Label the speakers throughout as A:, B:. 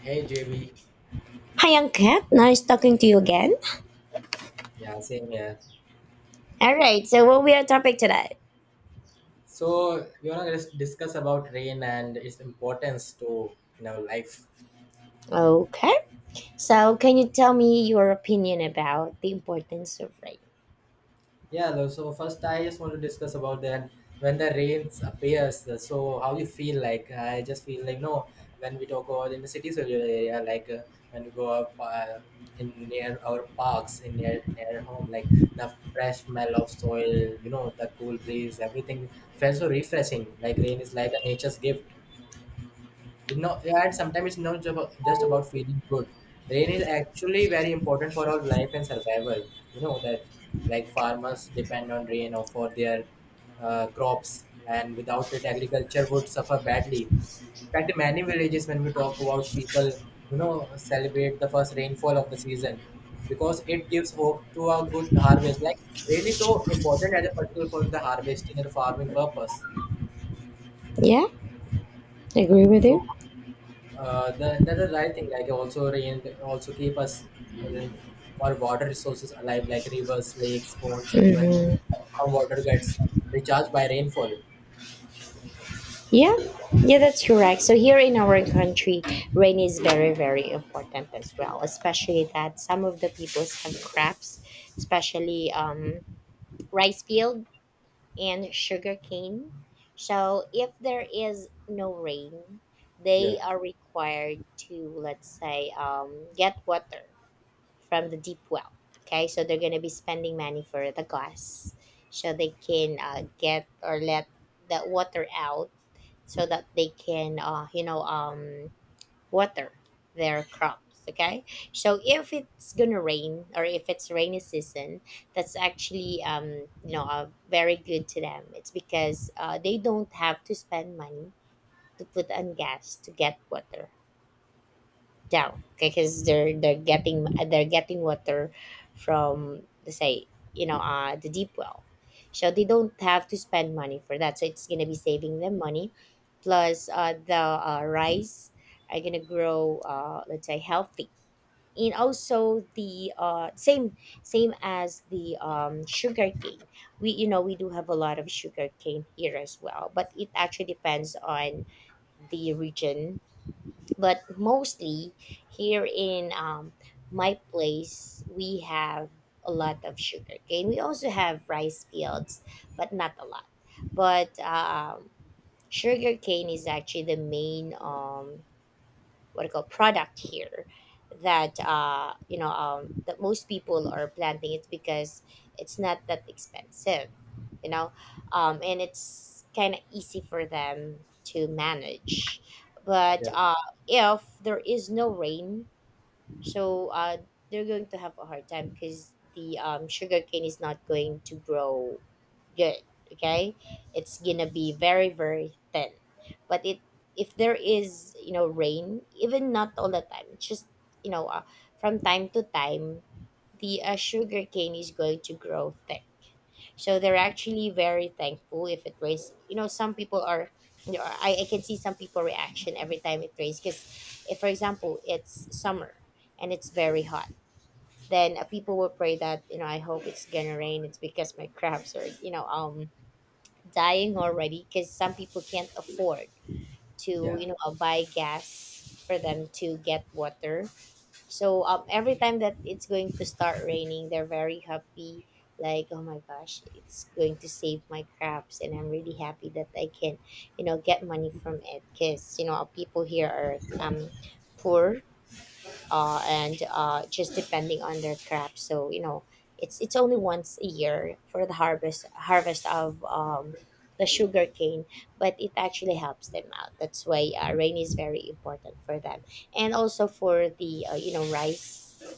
A: Hey JB,
B: Hi, Young Cat. Nice talking to you again.
A: yeah, same here.
B: All right. So, what will be our topic today?
A: So we wanna just discuss about rain and its importance to in our life.
B: Okay. So, can you tell me your opinion about the importance of rain?
A: So first I just want to discuss about that when the rains appears. So how you feel like? I just feel like no. When we talk about in the cities or rural area, like when we go up in near our parks, in near home, like the fresh smell of soil, you know, the cool breeze, everything felt so refreshing. Like rain is like a nature's gift. No, and sometimes it's not just about feeling good. Rain is actually very important for our life and survival. You know that, like farmers depend on rain or for their crops, and without it, agriculture would suffer badly. In fact, in many villages, when we talk about people, you know, celebrate the first rainfall of the season because it gives hope to a good harvest. Like rain is so important as a particular for the harvesting and the farming purpose.
B: Yeah, agree with
A: So
B: you.
A: that's the right thing like also rain also keep us uh, like, our water resources alive like rivers lakes ponds even
B: hmm
A: our water gets recharged by rainfall.
B: Yeah, yeah, that's correct. So here in our country, rain is very, very important as well. Especially that some of the peoples have crops, especially rice field. And sugarcane. So if there is no rain,
A: Yeah,
B: they are required to, let's say, get water from the deep well. Okay, so they're gonna be spending money for the gas, so they can get or let that water out, so that they can, you know, water their crops. Okay, so if it's gonna rain or if it's rainy season, that's actually very good to them. It's because they don't have to spend money to put on gas to get water down. Okay, because they're getting water from, let's say, the deep well. So they don't have to spend money for that, so it's gonna be saving them money. Plus the rice are gonna grow, let's say, healthy. And also the same as the sugar cane. We you know we do have a lot of sugar cane here as well, but it actually depends on the region. But mostly here in my place, we have a lot of sugarcane. We also have rice fields, but not a lot. But sugarcane is actually the main, what do you call, product here that that most people are planting. It's because it's not that expensive, you know. And it's kind of easy for them to manage. but
A: yeah,
B: uh if there is no rain, so they're going to have a hard time because the sugarcane is not going to grow good. Okay, it's gonna be very, very thin. But it if there is, you know, rain, even not all the time, it's just, you know, from time to time, the sugar cane is going to grow thick. So they're actually very thankful if it rains. You know, some people are, you know, I can see some people reaction every time it rains. Because if, for example, it's summer and it's very hot, then people will pray that, you know, I hope it's gonna rain. It's because my crabs are, you know, dying already, because some people can't afford to,
A: yeah,
B: you know, buy gas for them to get water. So every time that it's going to start raining, they're very happy. Like, oh my gosh, it's going to save my crops, and I'm really happy that I can, you know, get money from it. Because, you know, people here are, poor. And just depending on their crop. So, you know, it's only once a year for the harvest of, the sugar cane, but it actually helps them out. That's why, rain is very important for them, and also for the, you know, rice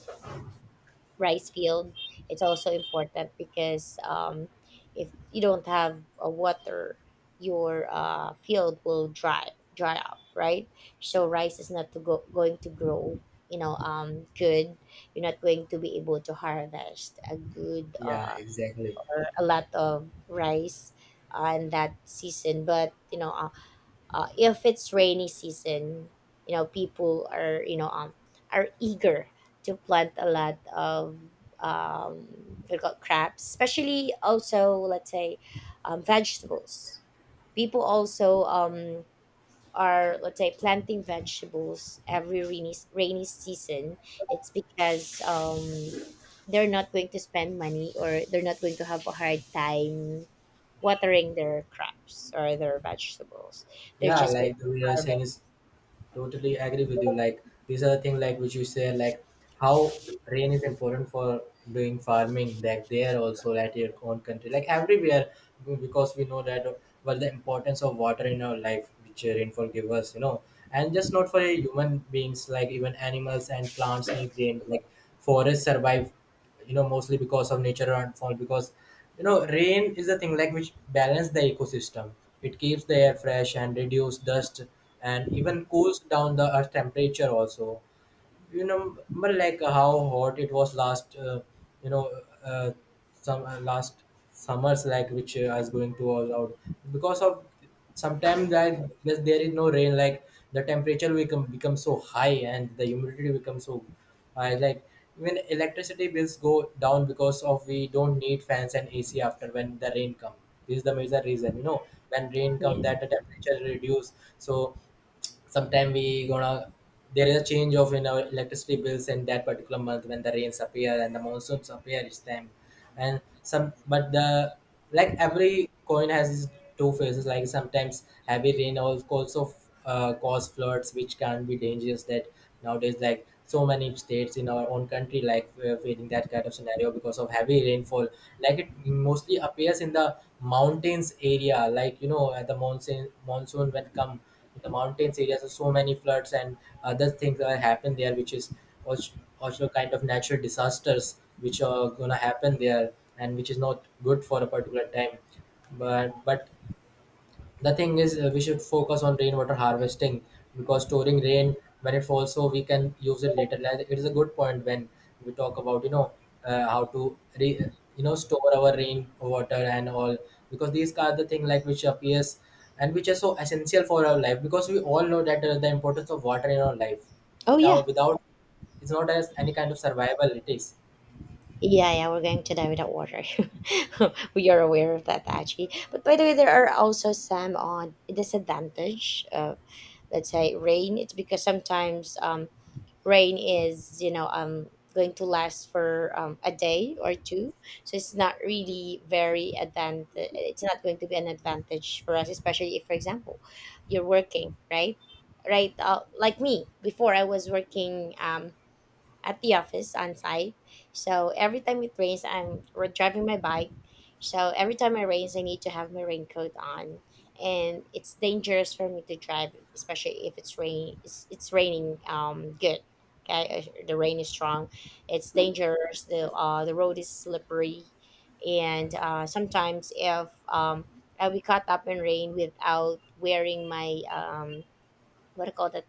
B: rice field. It's also important because, if you don't have a water, your field will dry up, right? So rice is not to go, going to grow, you know, good. You're not going to be able to harvest a good,
A: yeah, exactly.
B: or a lot of rice on that season. But, you know, if it's rainy season, you know, people are, you know, are eager to plant a lot of, um they got crabs, especially also, let's say, vegetables. People also are, let's say, planting vegetables every rainy season. It's because, they're not going to spend money, or they're not going to have a hard time watering their crops or their vegetables. They're
A: Yeah
B: just going
A: like we
B: to
A: are saying
B: harvest.
A: is totally agree with you like these are the things like which you say like how rain is important for doing farming like there also at your own country like everywhere because we know that well the importance of water in our life which rainfall give us you know, and just not for human beings like even animals and plants need rain like forests survive you know mostly because of nature rainfall because you know rain is the thing like which balance the ecosystem. It keeps the air fresh and reduce dust and even cools down the earth temperature also you know, but like how hot it was last you know uh, some last summers like which I was going to all out because of sometimes like because there is no rain like the temperature becomes so high and the humidity becomes so high like even electricity bills go down because of we don't need fans and AC after when the rain come. This is the major reason you know when rain come
B: Yeah.
A: that the temperature reduce. So sometime we gonna there is a change of in our electricity bills in that particular month when the rains appear and the monsoons appear each time and some but the like every coin has its two faces like sometimes heavy rain also cause floods which can be dangerous that nowadays like so many states in our own country like we are facing that kind of scenario because of heavy rainfall like it mostly appears in the mountains area like you know at the monsoon when come in the mountains areas so many floods and other things that happen there which is which also kind of natural disasters which are gonna happen there and which is not good for a particular time but the thing is we should focus on rainwater harvesting because storing rain when it falls so we can use it later. Like, it is a good point when we talk about you know uh, how to re- you know store our rain water and all because these are the thing like which appears and which are so essential for our life because we all know that the importance of water in our life.
B: Oh yeah.
A: Without it's not as any kind of survival. It is.
B: Yeah, yeah, we're going to die without water. We are aware of that actually. But by the way, there are also some on disadvantage of, let's say, rain. It's because sometimes, rain is, you know, going to last for, a day or two, so it's not really very advantage. It's not going to be an advantage for us, especially if, for example, you're working, right? Right, like me before, I was working, at the office on site. So every time it rains, I'm driving my bike. So every time it rains, I need to have my raincoat on, and it's dangerous for me to drive, especially if it's rain. It's raining. Good. Okay, the rain is strong. It's dangerous. The road is slippery, and sometimes if, I'll be caught up in rain without wearing my, what do you call that,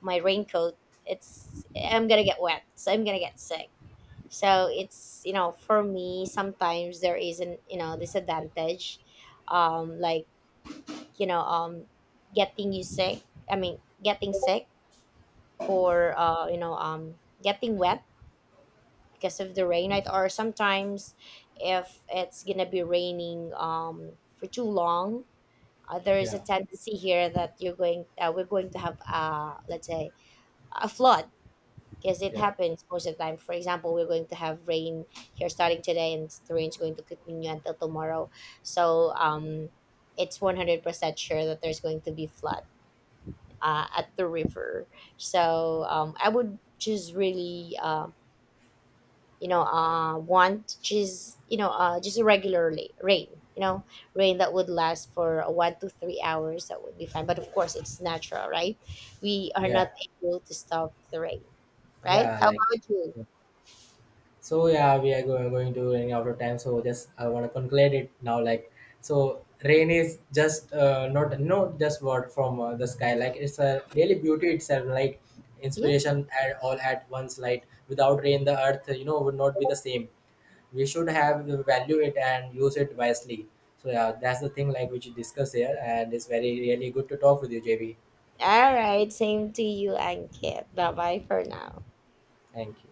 B: my raincoat, it's, I'm gonna get wet, so I'm gonna get sick. So it's, you know, for me sometimes there is an, you know, disadvantage, like, you know, getting you sick, I mean, getting sick, or getting wet because of the rain, right? Or sometimes if it's gonna be raining, for too long, there is a
A: Yeah,
B: tendency here that you're going we're going to have, let's say, a flood, because it
A: yeah,
B: happens most of the time. For example, we're going to have rain here starting today, and the rain's going to continue until tomorrow. So it's 100% sure that there's going to be flood at the river. So I would just really, you know, want just, you know, just a regular rain. You know, rain that would last for 1 to 3 hours. That would be fine. But of course, it's natural, right? We are
A: yeah.
B: not able to stop the rain, right?
A: Yeah.
B: How
A: Like.
B: about you?
A: So yeah, we are going to running out of time. So just I want to conclude it now. Like so, rain is just not just word from the sky. Like it's a really beauty itself. Like
B: Yeah.
A: inspiration at all at once. Like without rain, the earth you know would not be the same. We should have value it and use it wisely. So yeah, that's the thing like which you discuss here, and it's very really good to talk with you, JB.
B: All right, same to you, Ankit. Bye bye for now.
A: Thank you.